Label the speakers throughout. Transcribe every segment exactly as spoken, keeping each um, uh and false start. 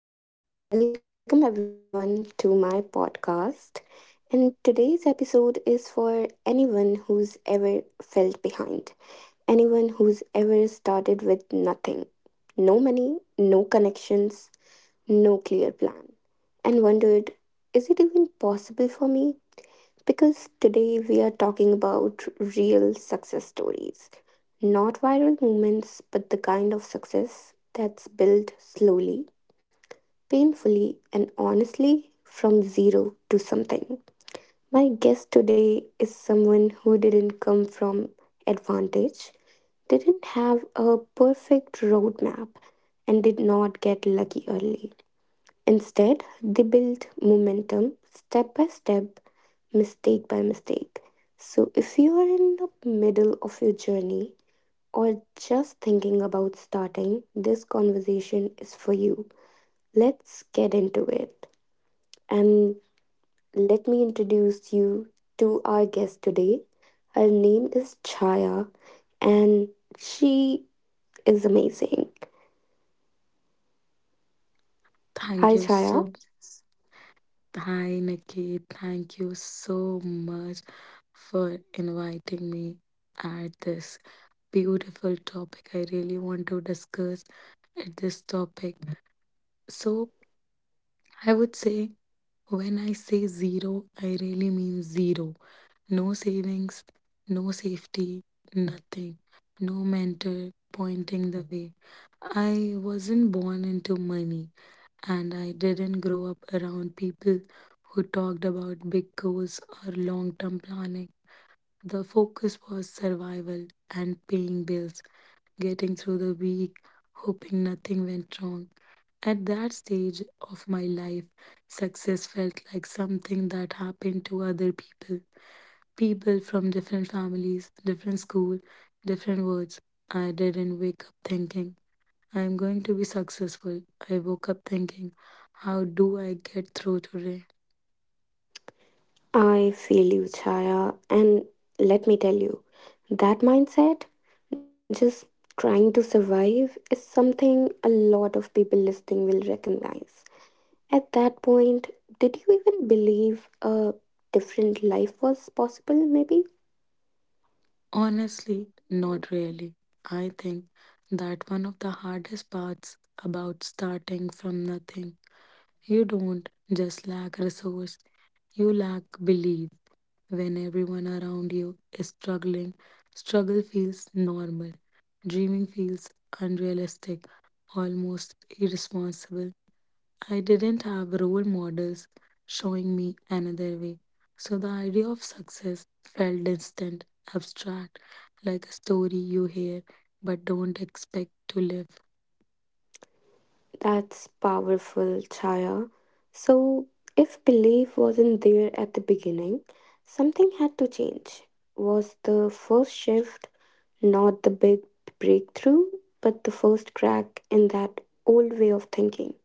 Speaker 1: Welcome everyone to my podcast. And today's episode is for anyone who's ever felt behind, anyone who's ever started with nothing, no money, no connections, no clear plan, and wondered, is it even possible for me? Because today we are talking about real success stories, not viral moments, but the kind of success that's built slowly, painfully and honestly, from zero to something. My guest today is someone who didn't come from advantage, didn't have a perfect roadmap, and did not get lucky early. Instead, they built momentum step by step, mistake by mistake. So, if you are in the middle of your journey or just thinking about starting, this conversation is for you. Let's get into it and let me introduce you to our guest today. Her name is Chaya, and she is amazing. Hi,
Speaker 2: Thank you
Speaker 1: Chaya.
Speaker 2: so Hi Nikki. Thank you so much for inviting me at this beautiful topic. I really want to discuss at this topic. So I would say, when I say zero, I really mean zero. No savings, no safety, nothing. No mentor pointing the way. I wasn't born into money, and I didn't grow up around people who talked about big goals or long term planning. The focus was survival and paying bills, getting through the week, hoping nothing went wrong. At that stage of my life, success felt like something that happened to other people. People from different families, different school, different words. I didn't wake up thinking, I am going to be successful. I woke up thinking, how do I get through today?
Speaker 1: I feel you, Chaya. And let me tell you, that mindset, just trying to survive, is something a lot of people listening will recognize. At that point, did you even believe a different life was possible, maybe?
Speaker 2: Honestly, not really. I think that one of the hardest parts about starting from nothing. You don't just lack resource, you lack belief. When everyone around you is struggling, struggle feels normal. Dreaming feels unrealistic, almost irresponsible. I didn't have role models showing me another way. So the idea of success felt distant, abstract, like a story you hear but don't expect to live.
Speaker 1: That's powerful, Chaya. So, if belief wasn't there at the beginning, something had to change. Was the first shift not the big breakthrough, but the first crack in that old way of thinking?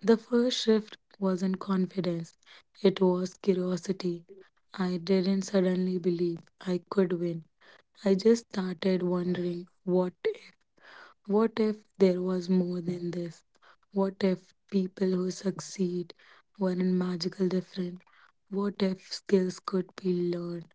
Speaker 2: The first shift wasn't confidence, it was curiosity. I didn't suddenly believe I could win. I just started wondering, what if? What if there was more than this? What if people who succeed weren't magical different? What if skills could be learned?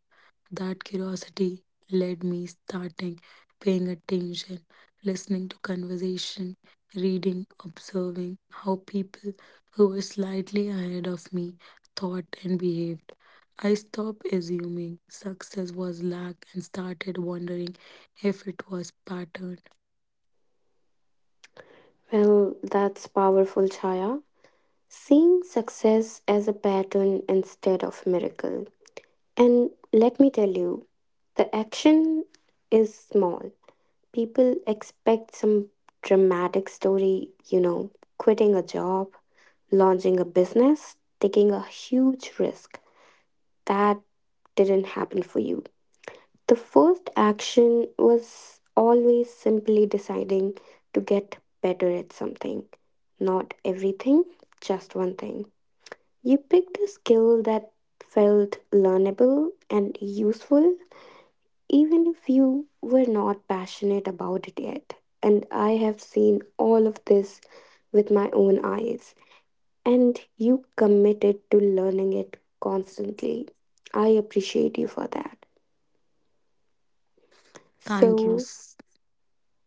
Speaker 2: That curiosity led me starting paying attention, listening to conversation, reading, observing how people who were slightly ahead of me thought and behaved. I stopped assuming success was luck and started wondering if it was patterned.
Speaker 1: Well, that's powerful, Chaya. Seeing success as a pattern instead of miracle. And let me tell you, the action is small. People expect some dramatic story, you know, quitting a job, launching a business, taking a huge risk. That didn't happen for you. The first action was always simply deciding to get better at something. Not everything, just one thing. You picked a skill that felt learnable and useful, even if you were not passionate about it yet. And I have seen all of this with my own eyes. And you committed to learning it constantly. I appreciate you for that.
Speaker 2: Thank you.
Speaker 1: So,
Speaker 2: s-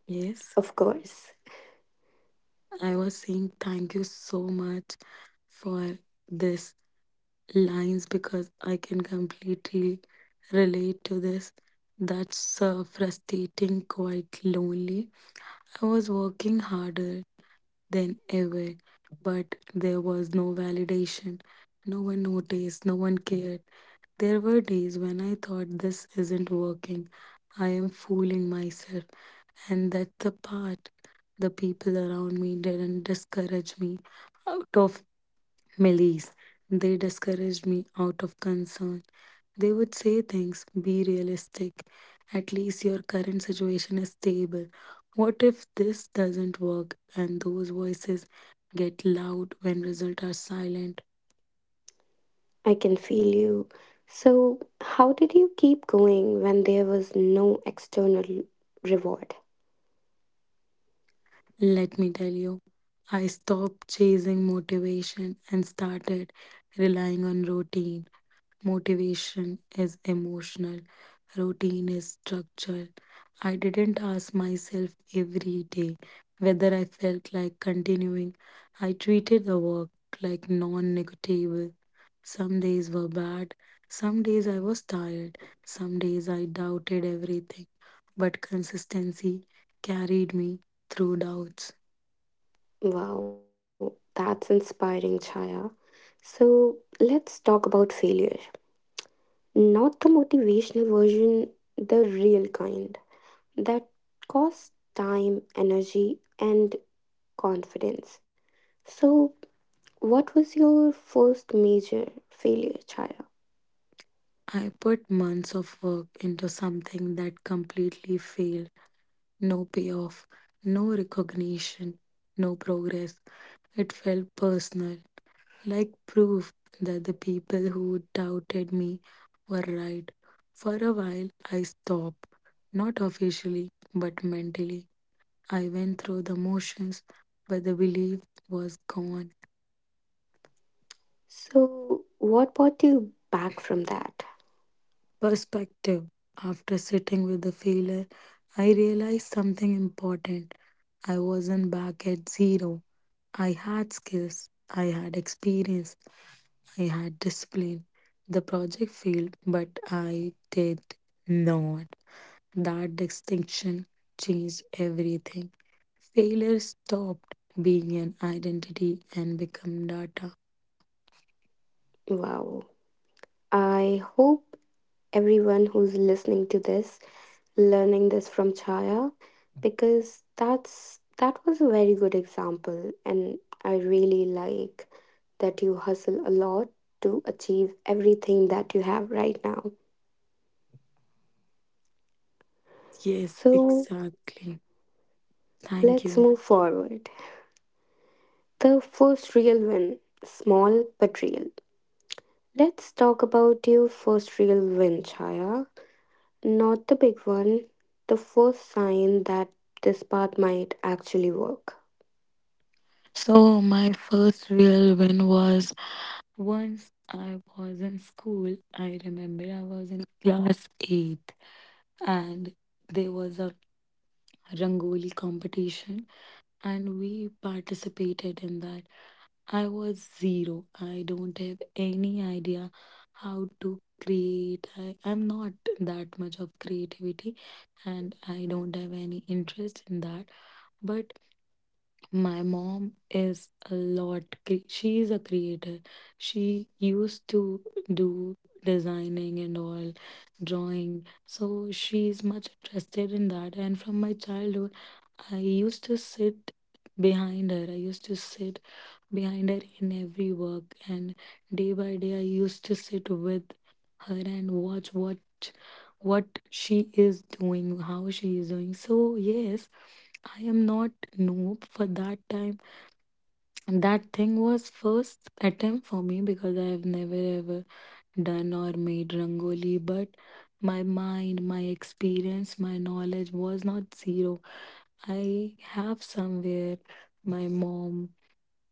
Speaker 2: Yes,
Speaker 1: of course.
Speaker 2: I was saying thank you so much for this lines because I can completely relate to this. That's uh, frustrating, quite lonely. I was working harder than ever, but there was no validation. No one noticed, no one cared. There were days when I thought, this isn't working. I am fooling myself. And that's the part, the people around me didn't discourage me out of Melis. They discouraged me out of concern. They would say things, be realistic. At least your current situation is stable. What if this doesn't work? And those voices get loud when results are silent.
Speaker 1: I can feel you. So, how did you keep going when there was no external reward?
Speaker 2: Let me tell you, I stopped chasing motivation and started relying on routine. Motivation is emotional, routine is structural. I didn't ask myself every day whether I felt like continuing. I treated the work like non negotiable. Some days were bad, some days I was tired, some days I doubted everything. But consistency carried me through doubts.
Speaker 1: Wow, that's inspiring, Chaya. So, let's talk about failure. Not the motivational version, the real kind that costs time, energy, and confidence. So, what was your first major failure, Chaya?
Speaker 2: I put months of work into something that completely failed. No payoff, no recognition, no progress. It felt personal, like proof that the people who doubted me were right. For a while, I stopped, not officially, but mentally. I went through the motions, but the belief was gone.
Speaker 1: So, what brought you back from that?
Speaker 2: Perspective. After sitting with the failure, I realized something important. I wasn't back at zero. I had skills, I had experience, I had discipline. The project failed, but I did not. That distinction changed everything. Failure stopped being an identity and become data.
Speaker 1: Wow. I hope everyone who's listening to this, learning this from Chaya, because that's that was a very good example, and I really like that you hustle a lot to achieve everything that you have right now.
Speaker 2: Yes,
Speaker 1: So
Speaker 2: exactly. Thank
Speaker 1: let's
Speaker 2: you.
Speaker 1: move forward. The first real win, small but real. Let's talk about your first real win, Chaya. Not the big one, the first sign that this path might actually work.
Speaker 2: So, my first real win was, once I was in school, I remember I was in class eighth, and there was a rangoli competition, and we participated in that. I was zero. I don't have any idea how to create. I, I'm not that much of creativity, and I don't have any interest in that. But my mom is a lot. cre- She is a creator. She used to do designing and all, drawing. So she is much interested in that. And from my childhood, I used to sit behind her. I used to sit behind her in every work. And day by day, I used to sit with her and watch what what she is doing, how she is doing. So yes, I am not noob for that time. And that thing was first attempt for me because I have never ever done or made rangoli, but my mind, my experience, my knowledge was not zero. I have somewhere my mom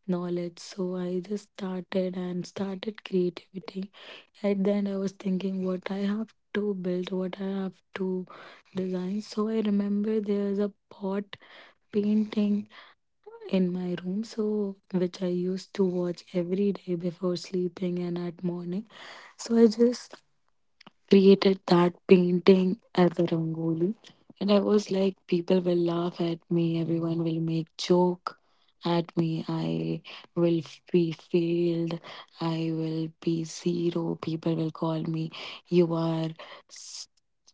Speaker 2: knowledge, so I just started and started creativity. At the end, I was thinking what I have to build, what I have to design. So I remember there's a pot painting in my room, so which I used to watch every day before sleeping and at morning. So I just created that painting as a rangoli. And I was like, people will laugh at me, everyone will make joke at me, I will f- be failed, I will be zero, people will call me, you are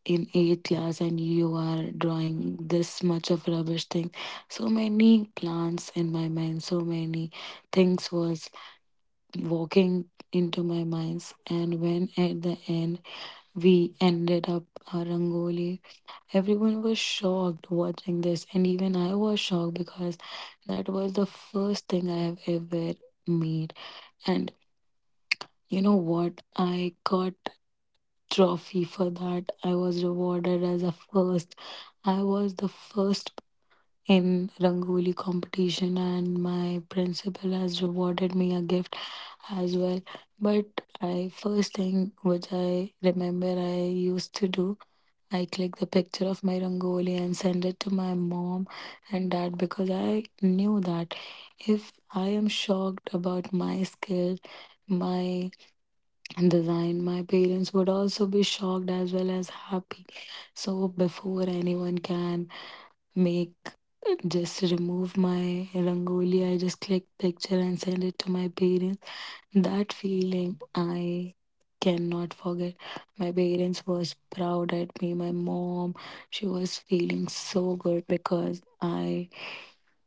Speaker 2: in eight years and you are drawing this much of rubbish thing. So many plans in my mind, so many things was walking into my minds. And when at the end we ended up our rangoli, everyone was shocked watching this, and even I was shocked because that was the first thing I have ever made. And you know what, I got trophy for that. I was rewarded as a first. I was the first in Rangoli competition, and my principal has rewarded me a gift as well. But I, first thing which I remember I used to do, I click the picture of my Rangoli and send it to my mom and dad because I knew that if I am shocked about my skill, my design, my parents would also be shocked as well as happy. So before anyone can make just remove my rangoli, I just click picture and send it to my parents. That feeling I cannot forget. My parents was proud at me. My mom, she was feeling so good because I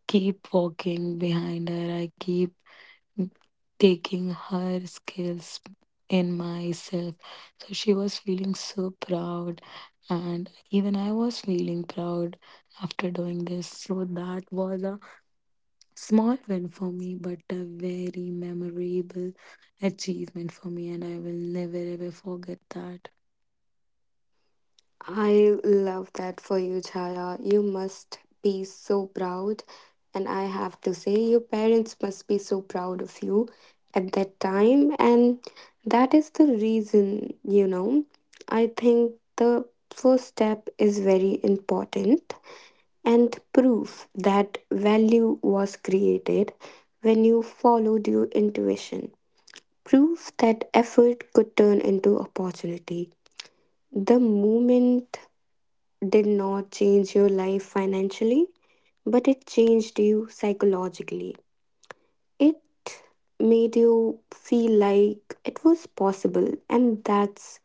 Speaker 2: keep walking behind her. I keep taking her skills in myself. So she was feeling so proud, and even I was feeling proud after doing this. So that was a small win for me, but a very memorable achievement for me, and I will never ever forget that.
Speaker 1: I love that for you, Chaya. You must be so proud. And I have to say, your parents must be so proud of you at that time. And that is the reason, you know, I think the first step is very important, and proof that value was created when you followed your intuition. Proof that effort could turn into opportunity. The moment did not change your life financially, but it changed you psychologically. It made you feel like it was possible, and that's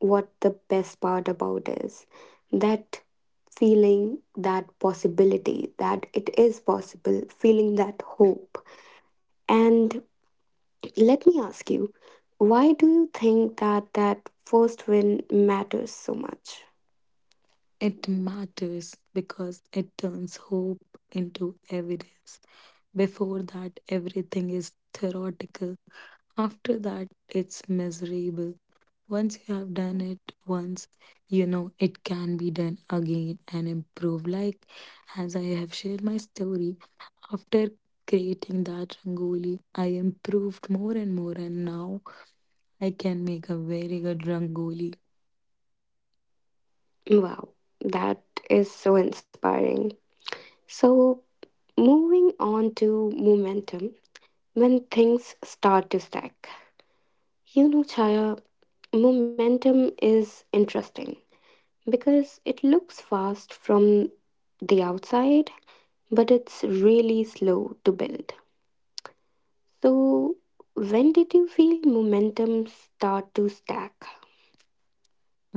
Speaker 1: what the best part about is, that feeling, that possibility, that it is possible, feeling that hope. And let me ask you, why do you think that that first win matters so much?
Speaker 2: It matters because it turns hope into evidence. Before that, everything is theoretical. After that, it's miserable. Once you have done it once, you know it can be done again and improved. Like, as I have shared my story, after creating that rangoli, I improved more and more, and now I can make a very good rangoli.
Speaker 1: Wow, that is so inspiring. So, moving on to momentum, when things start to stack. You know, Chaya, momentum is interesting because it looks fast from the outside, but it's really slow to build. So, when did you feel momentum start to stack?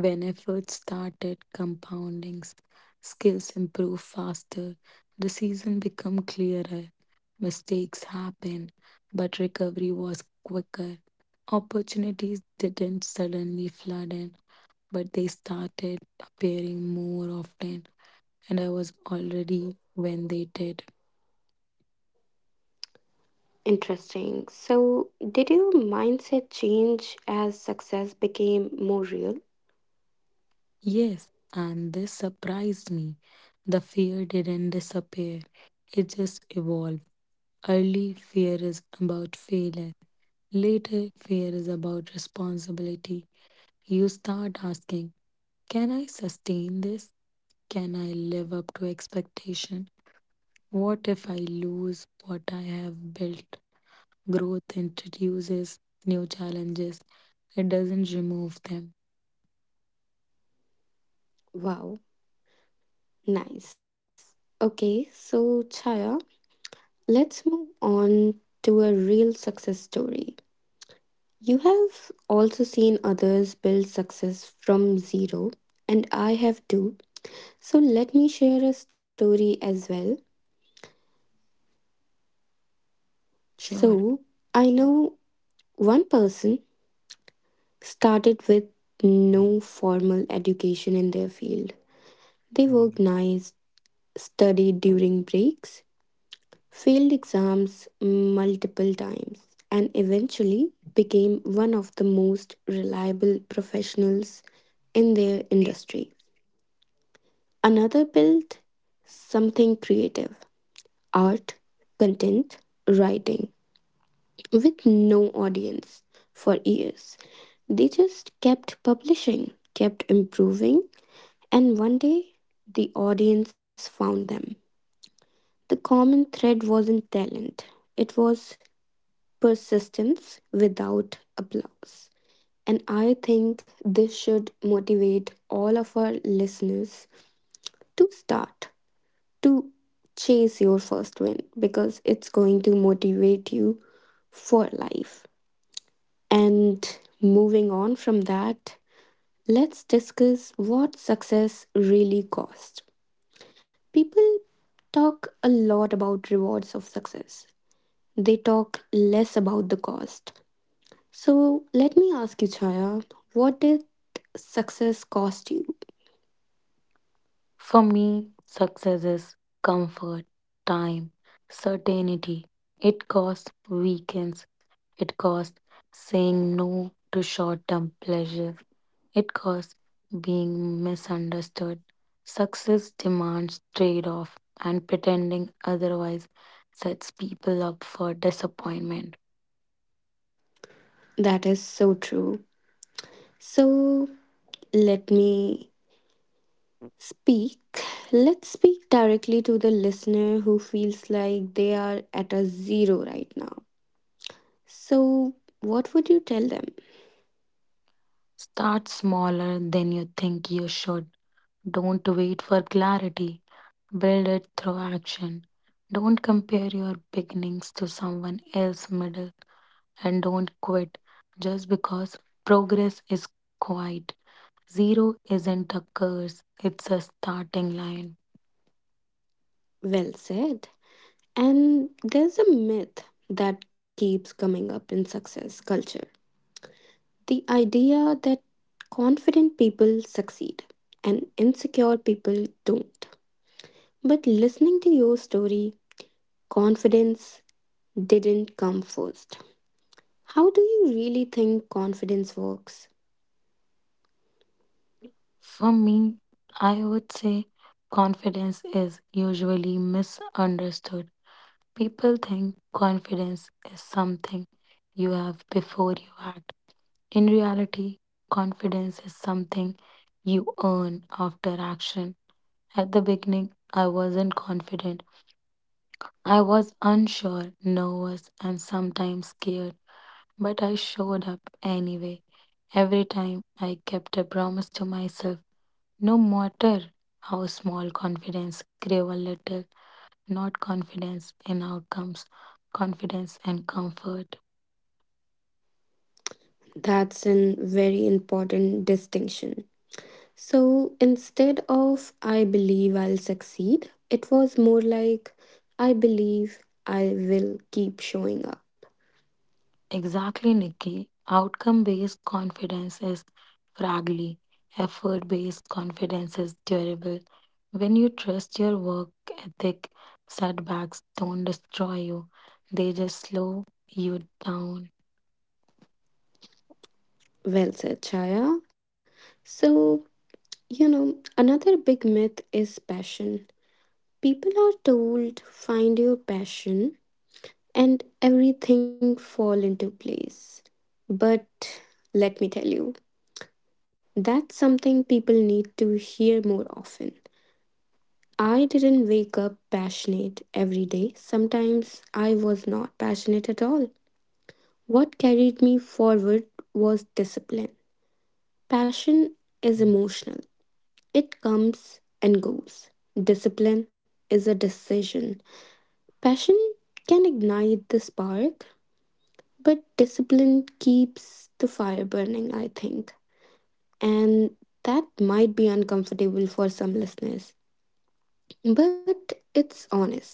Speaker 2: When efforts started compounding, s- skills improve faster, the season become clearer, mistakes happen, but recovery was quicker. Opportunities didn't suddenly flood in, but they started appearing more often, and I was already when they did.
Speaker 1: Interesting. So, did your mindset change as success became more real?
Speaker 2: Yes, and this surprised me. The fear didn't disappear, it just evolved. Early fear is about failure, later fear is about responsibility. You start asking, can I sustain this? Can I live up to expectation? What if I lose what I have built? Growth introduces new challenges, it doesn't remove them.
Speaker 1: Wow. Nice. Okay, so Chaya, let's move on to a real success story. You have also seen others build success from zero, and I have too. So let me share a story as well.
Speaker 2: Sure.
Speaker 1: So, I know one person started with no formal education in their field. They worked nights, studied during breaks, failed exams multiple times, and eventually became one of the most reliable professionals in their industry. Another built something creative, art, content, writing, with no audience for years. They just kept publishing, kept improving, and one day the audience found them. The common thread wasn't talent, it was persistence without applause. And I think this should motivate all of our listeners to start, to chase your first win, because it's going to motivate you for life. And moving on from that, let's discuss what success really costs. People talk a lot about rewards of success, they talk less about the cost. So let me ask you, Chaya, what did success cost you?
Speaker 2: For me, success is comfort, time, certainty. It costs weekends. It costs saying no to short term pleasure. It costs being misunderstood. Success demands trade off, and pretending otherwise sets people up for disappointment.
Speaker 1: That is so true. So let me speak. Let's speak directly to the listener who feels like they are at a zero right now. So, what would you tell them?
Speaker 2: Start smaller than you think you should. Don't wait for clarity, build it through action. Don't compare your beginnings to someone else's middle, and don't quit just because progress is quiet. Zero isn't a curse, it's a starting line.
Speaker 1: Well said. And there's a myth that keeps coming up in success culture, the idea that confident people succeed and insecure people don't. But listening to your story, confidence didn't come first. How do you really think confidence works?
Speaker 2: For me, I would say confidence is usually misunderstood. People think confidence is something you have before you act. In reality, confidence is something you earn after action. At the beginning, I wasn't confident. I was unsure, nervous, and sometimes scared, but I showed up anyway. Every time I kept a promise to myself, no matter how small, confidence grew a little, not confidence in outcomes, confidence and comfort.
Speaker 1: That's a very important distinction. So instead of I believe I'll succeed, it was more like I believe I will keep showing up.
Speaker 2: Exactly, Nikki. Outcome based confidence is fragile, effort based confidence is durable. When you trust your work ethic, setbacks don't destroy you, they just slow you down.
Speaker 1: Well said, Chaya. So, you know, another big myth is passion. People are told find your passion and everything fall into place. But let me tell you, that's something people need to hear more often. I didn't wake up passionate every day. Sometimes I was not passionate at all. What carried me forward was discipline. Passion is emotional, it comes and goes. Discipline is a decision. Passion can ignite the spark, but discipline keeps the fire burning, I think. And that might be uncomfortable for some listeners. But it's honest.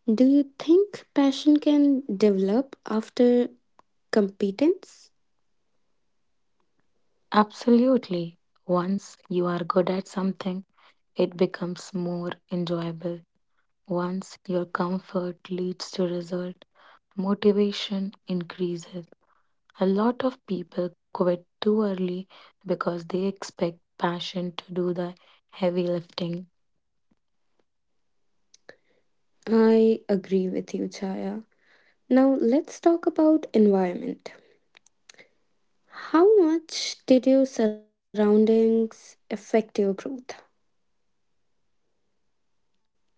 Speaker 1: Do you think passion can develop after competence?
Speaker 2: Absolutely. Once you are good at something, it becomes more enjoyable. Once your comfort leads to result, motivation increases. A lot of people quit too early because they expect passion to do the heavy lifting.
Speaker 1: I agree with you, Chaya. Now let's talk about environment. How much did your surroundings affect your growth?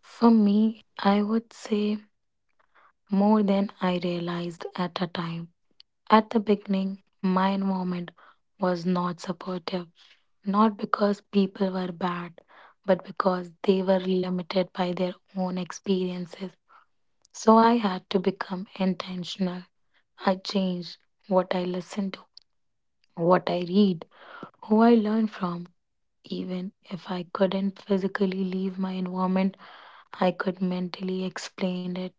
Speaker 2: For me, I would say more than I realized at a time. At the beginning, my environment was not supportive, not because people were bad, but because they were limited by their own experiences. So I had to become intentional. I changed what I listened to, what I read, who I learn from. Even if I couldn't physically leave my environment, I could mentally explain it.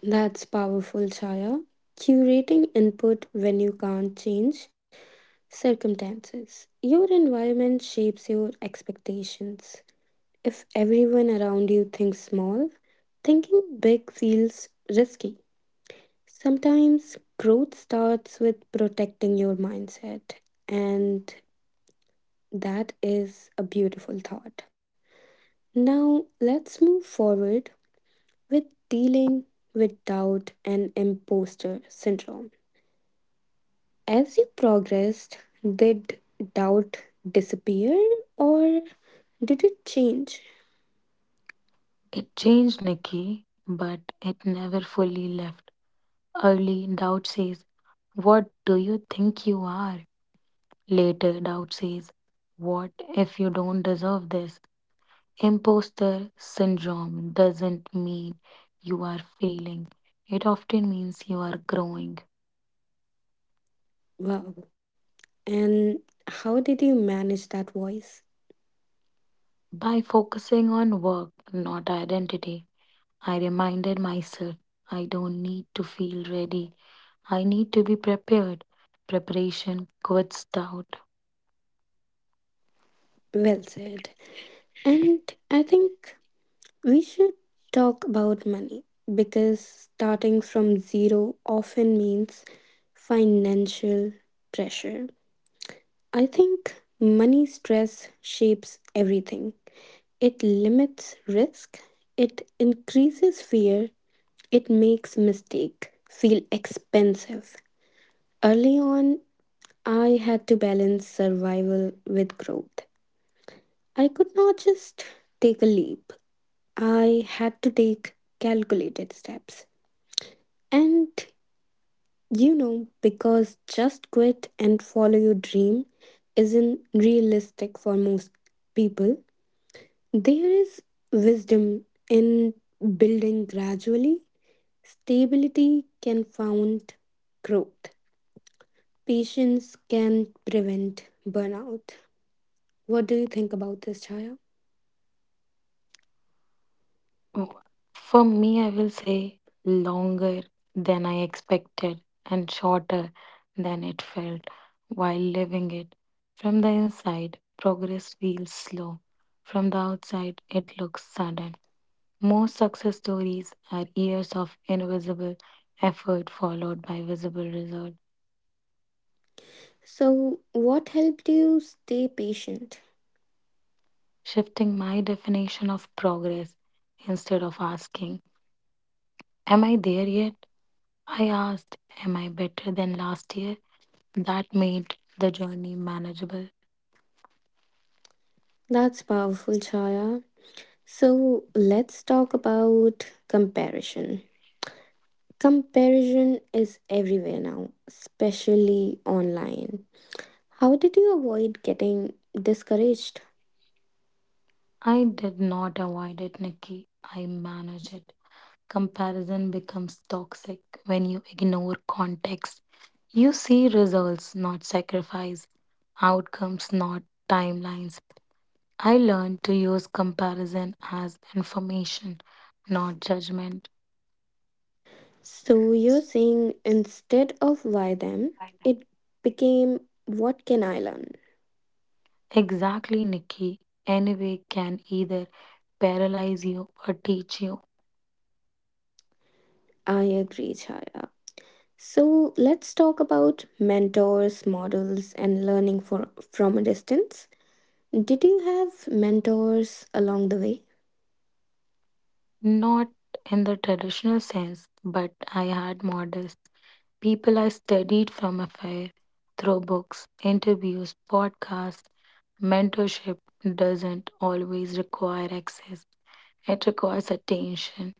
Speaker 1: That's powerful, Chaya. Curating input when you can't change circumstances. Your environment shapes your expectations. If everyone around you thinks small, thinking big feels risky. Sometimes growth starts with protecting your mindset, and that is a beautiful thought. Now, let's move forward with dealing with doubt and imposter syndrome. As you progressed, did doubt disappear or did it change?
Speaker 2: It changed, Nikki, but it never fully left. Early, doubt says, what do you think you are? Later, doubt says, what if you don't deserve this? Imposter syndrome doesn't mean you are failing, it often means you are growing.
Speaker 1: Wow. And how did you manage that voice?
Speaker 2: By focusing on work, not identity, I reminded myself I don't need to feel ready. I need to be prepared. Preparation quits doubt.
Speaker 1: Well said. And I think we should talk about money, because starting from zero often means financial pressure. I think money stress shapes everything. It limits risk, it increases fear, it makes mistake feel expensive. Early on, I had to balance survival with growth. I could not just take a leap. I had to take calculated steps. And you know, because just quit and follow your dream isn't realistic for most people, there is wisdom in building gradually. Stability can found growth. Patience can prevent burnout. What do you think about this, Chaya?
Speaker 2: Oh, for me, I will say longer than I expected and shorter than it felt while living it. From the inside, progress feels slow. From the outside, it looks sudden. Most success stories are years of invisible effort followed by visible result.
Speaker 1: So, what helped you stay patient?
Speaker 2: Shifting my definition of progress. Instead of asking, am I there yet? I asked, am I better than last year? That made the journey manageable.
Speaker 1: That's powerful, Chaya. So, let's talk about comparison. Comparison is everywhere now, especially online. How did you avoid getting discouraged?
Speaker 2: I did not avoid it, Nikki. I managed it. Comparison becomes toxic when you ignore context. You see results, not sacrifice, outcomes, not timelines. I learned to use comparison as information, not judgment.
Speaker 1: So, you're saying instead of why them, it became what can I learn?
Speaker 2: Exactly, Nikki. Anyway, can either paralyze you or teach you.
Speaker 1: I agree, Chaya. So let's talk about mentors, models, and learning for, from a distance. Did you have mentors along the way?
Speaker 2: Not in the traditional sense, but I had models. People I studied from afar through books, interviews, podcasts, mentorship doesn't always require access, it requires attention.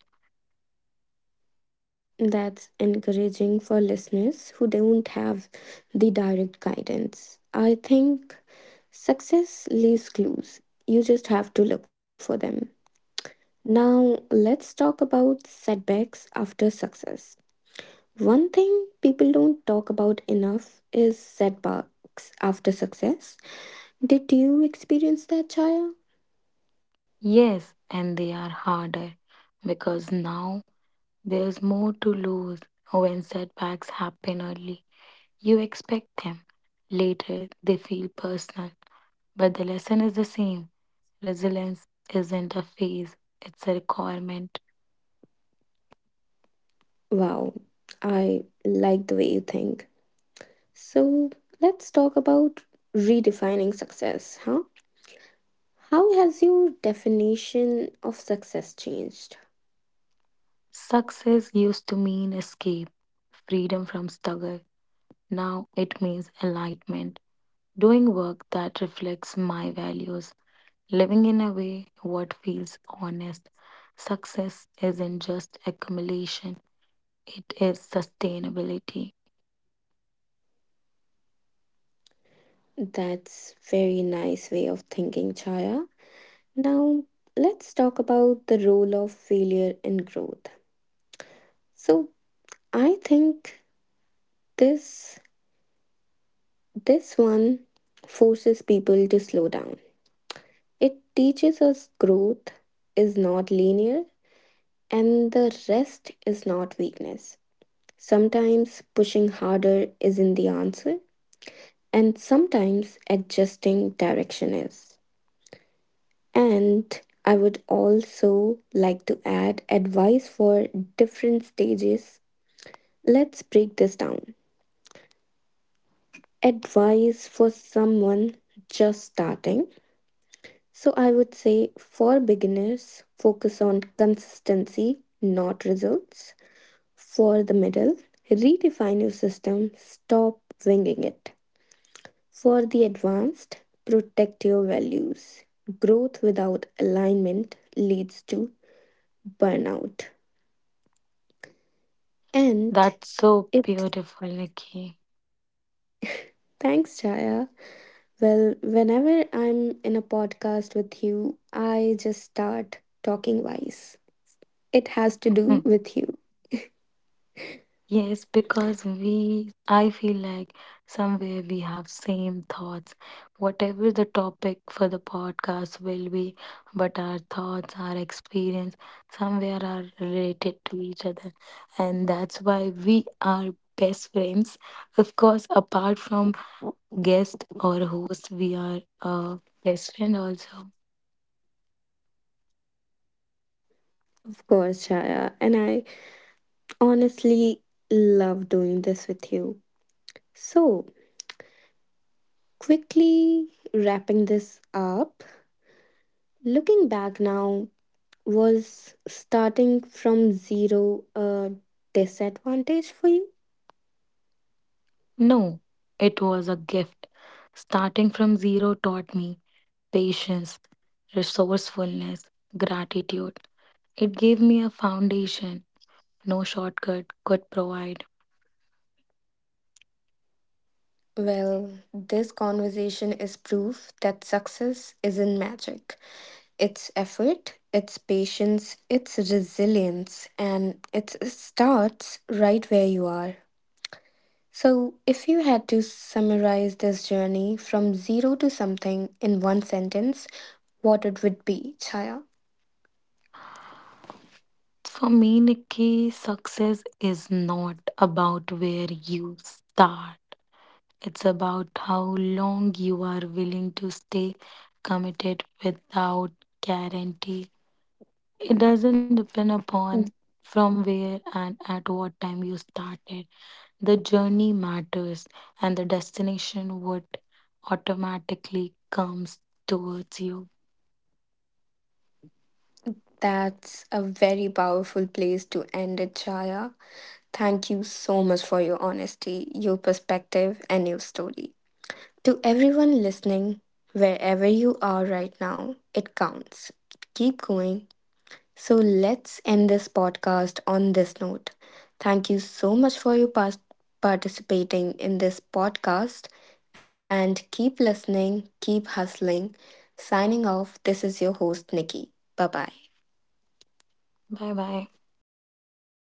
Speaker 1: That's encouraging for listeners who don't have the direct guidance. I think success leaves clues, you just have to look for them. Now, let's talk about setbacks after success. One thing people don't talk about enough is setbacks after success. Did you experience that, Chaya?
Speaker 2: Yes, and they are harder because now there's more to lose. When setbacks happen early, you expect them. Later, they feel personal. But the lesson is the same, resilience isn't a phase, it's a requirement.
Speaker 1: Wow, I like the way you think. So, let's talk about redefining success, huh? How has your definition of success changed?
Speaker 2: Success used to mean escape, freedom from struggle. Now it means enlightenment, doing work that reflects my values, living in a way what feels honest. Success isn't just accumulation, it is sustainability.
Speaker 1: That's very nice way of thinking, Chaya. Now, let's talk about the role of failure in growth. So, I think this this one forces people to slow down. It teaches us growth is not linear and the rest is not weakness. Sometimes pushing harder isn't the answer, and sometimes adjusting direction is. And I would also like to add advice for different stages. Let's break this down. Advice for someone just starting. So I would say for beginners, focus on consistency, not results. For the middle, redefine your system, stop winging it. For the advanced, protect your values. Growth without alignment leads to burnout. And
Speaker 2: That's so
Speaker 1: it,
Speaker 2: beautiful, Nikki.
Speaker 1: thanks Jaya. Well, whenever I'm in a podcast with you, I just start talking wise. It has to do with you.
Speaker 2: Yes, because we, I feel like somewhere we have same thoughts. Whatever the topic for the podcast will be, but our thoughts, our experience, somewhere are related to each other. And that's why we are best friends. Of course, apart from guest or host, we are a best friend also.
Speaker 1: Of course, Shaya, and I honestly love doing this with you. So, quickly wrapping this up, looking back now, was starting from zero a disadvantage for you?
Speaker 2: No, it was a gift. Starting from zero taught me patience, resourcefulness, gratitude. It gave me a foundation no shortcut could provide.
Speaker 1: Well, this conversation is proof that success isn't magic. It's effort, it's patience, it's resilience, and it starts right where you are. So, if you had to summarize this journey from zero to something in one sentence, what it would be, Chaya?
Speaker 2: For me, Nikki, success is not about where you start, it's about how long you are willing to stay committed without guarantee. It doesn't depend upon from where and at what time you started. The journey matters, and the destination would automatically comes towards you.
Speaker 1: That's a very powerful place to end it, Chaya. Thank you so much for your honesty, your perspective, and your story. To everyone listening, wherever you are right now, it counts. Keep going. So let's end this podcast on this note. Thank you so much for your past participating in this podcast and keep listening, keep hustling. Signing off, this is your host Nikki. Bye bye.
Speaker 2: Bye bye.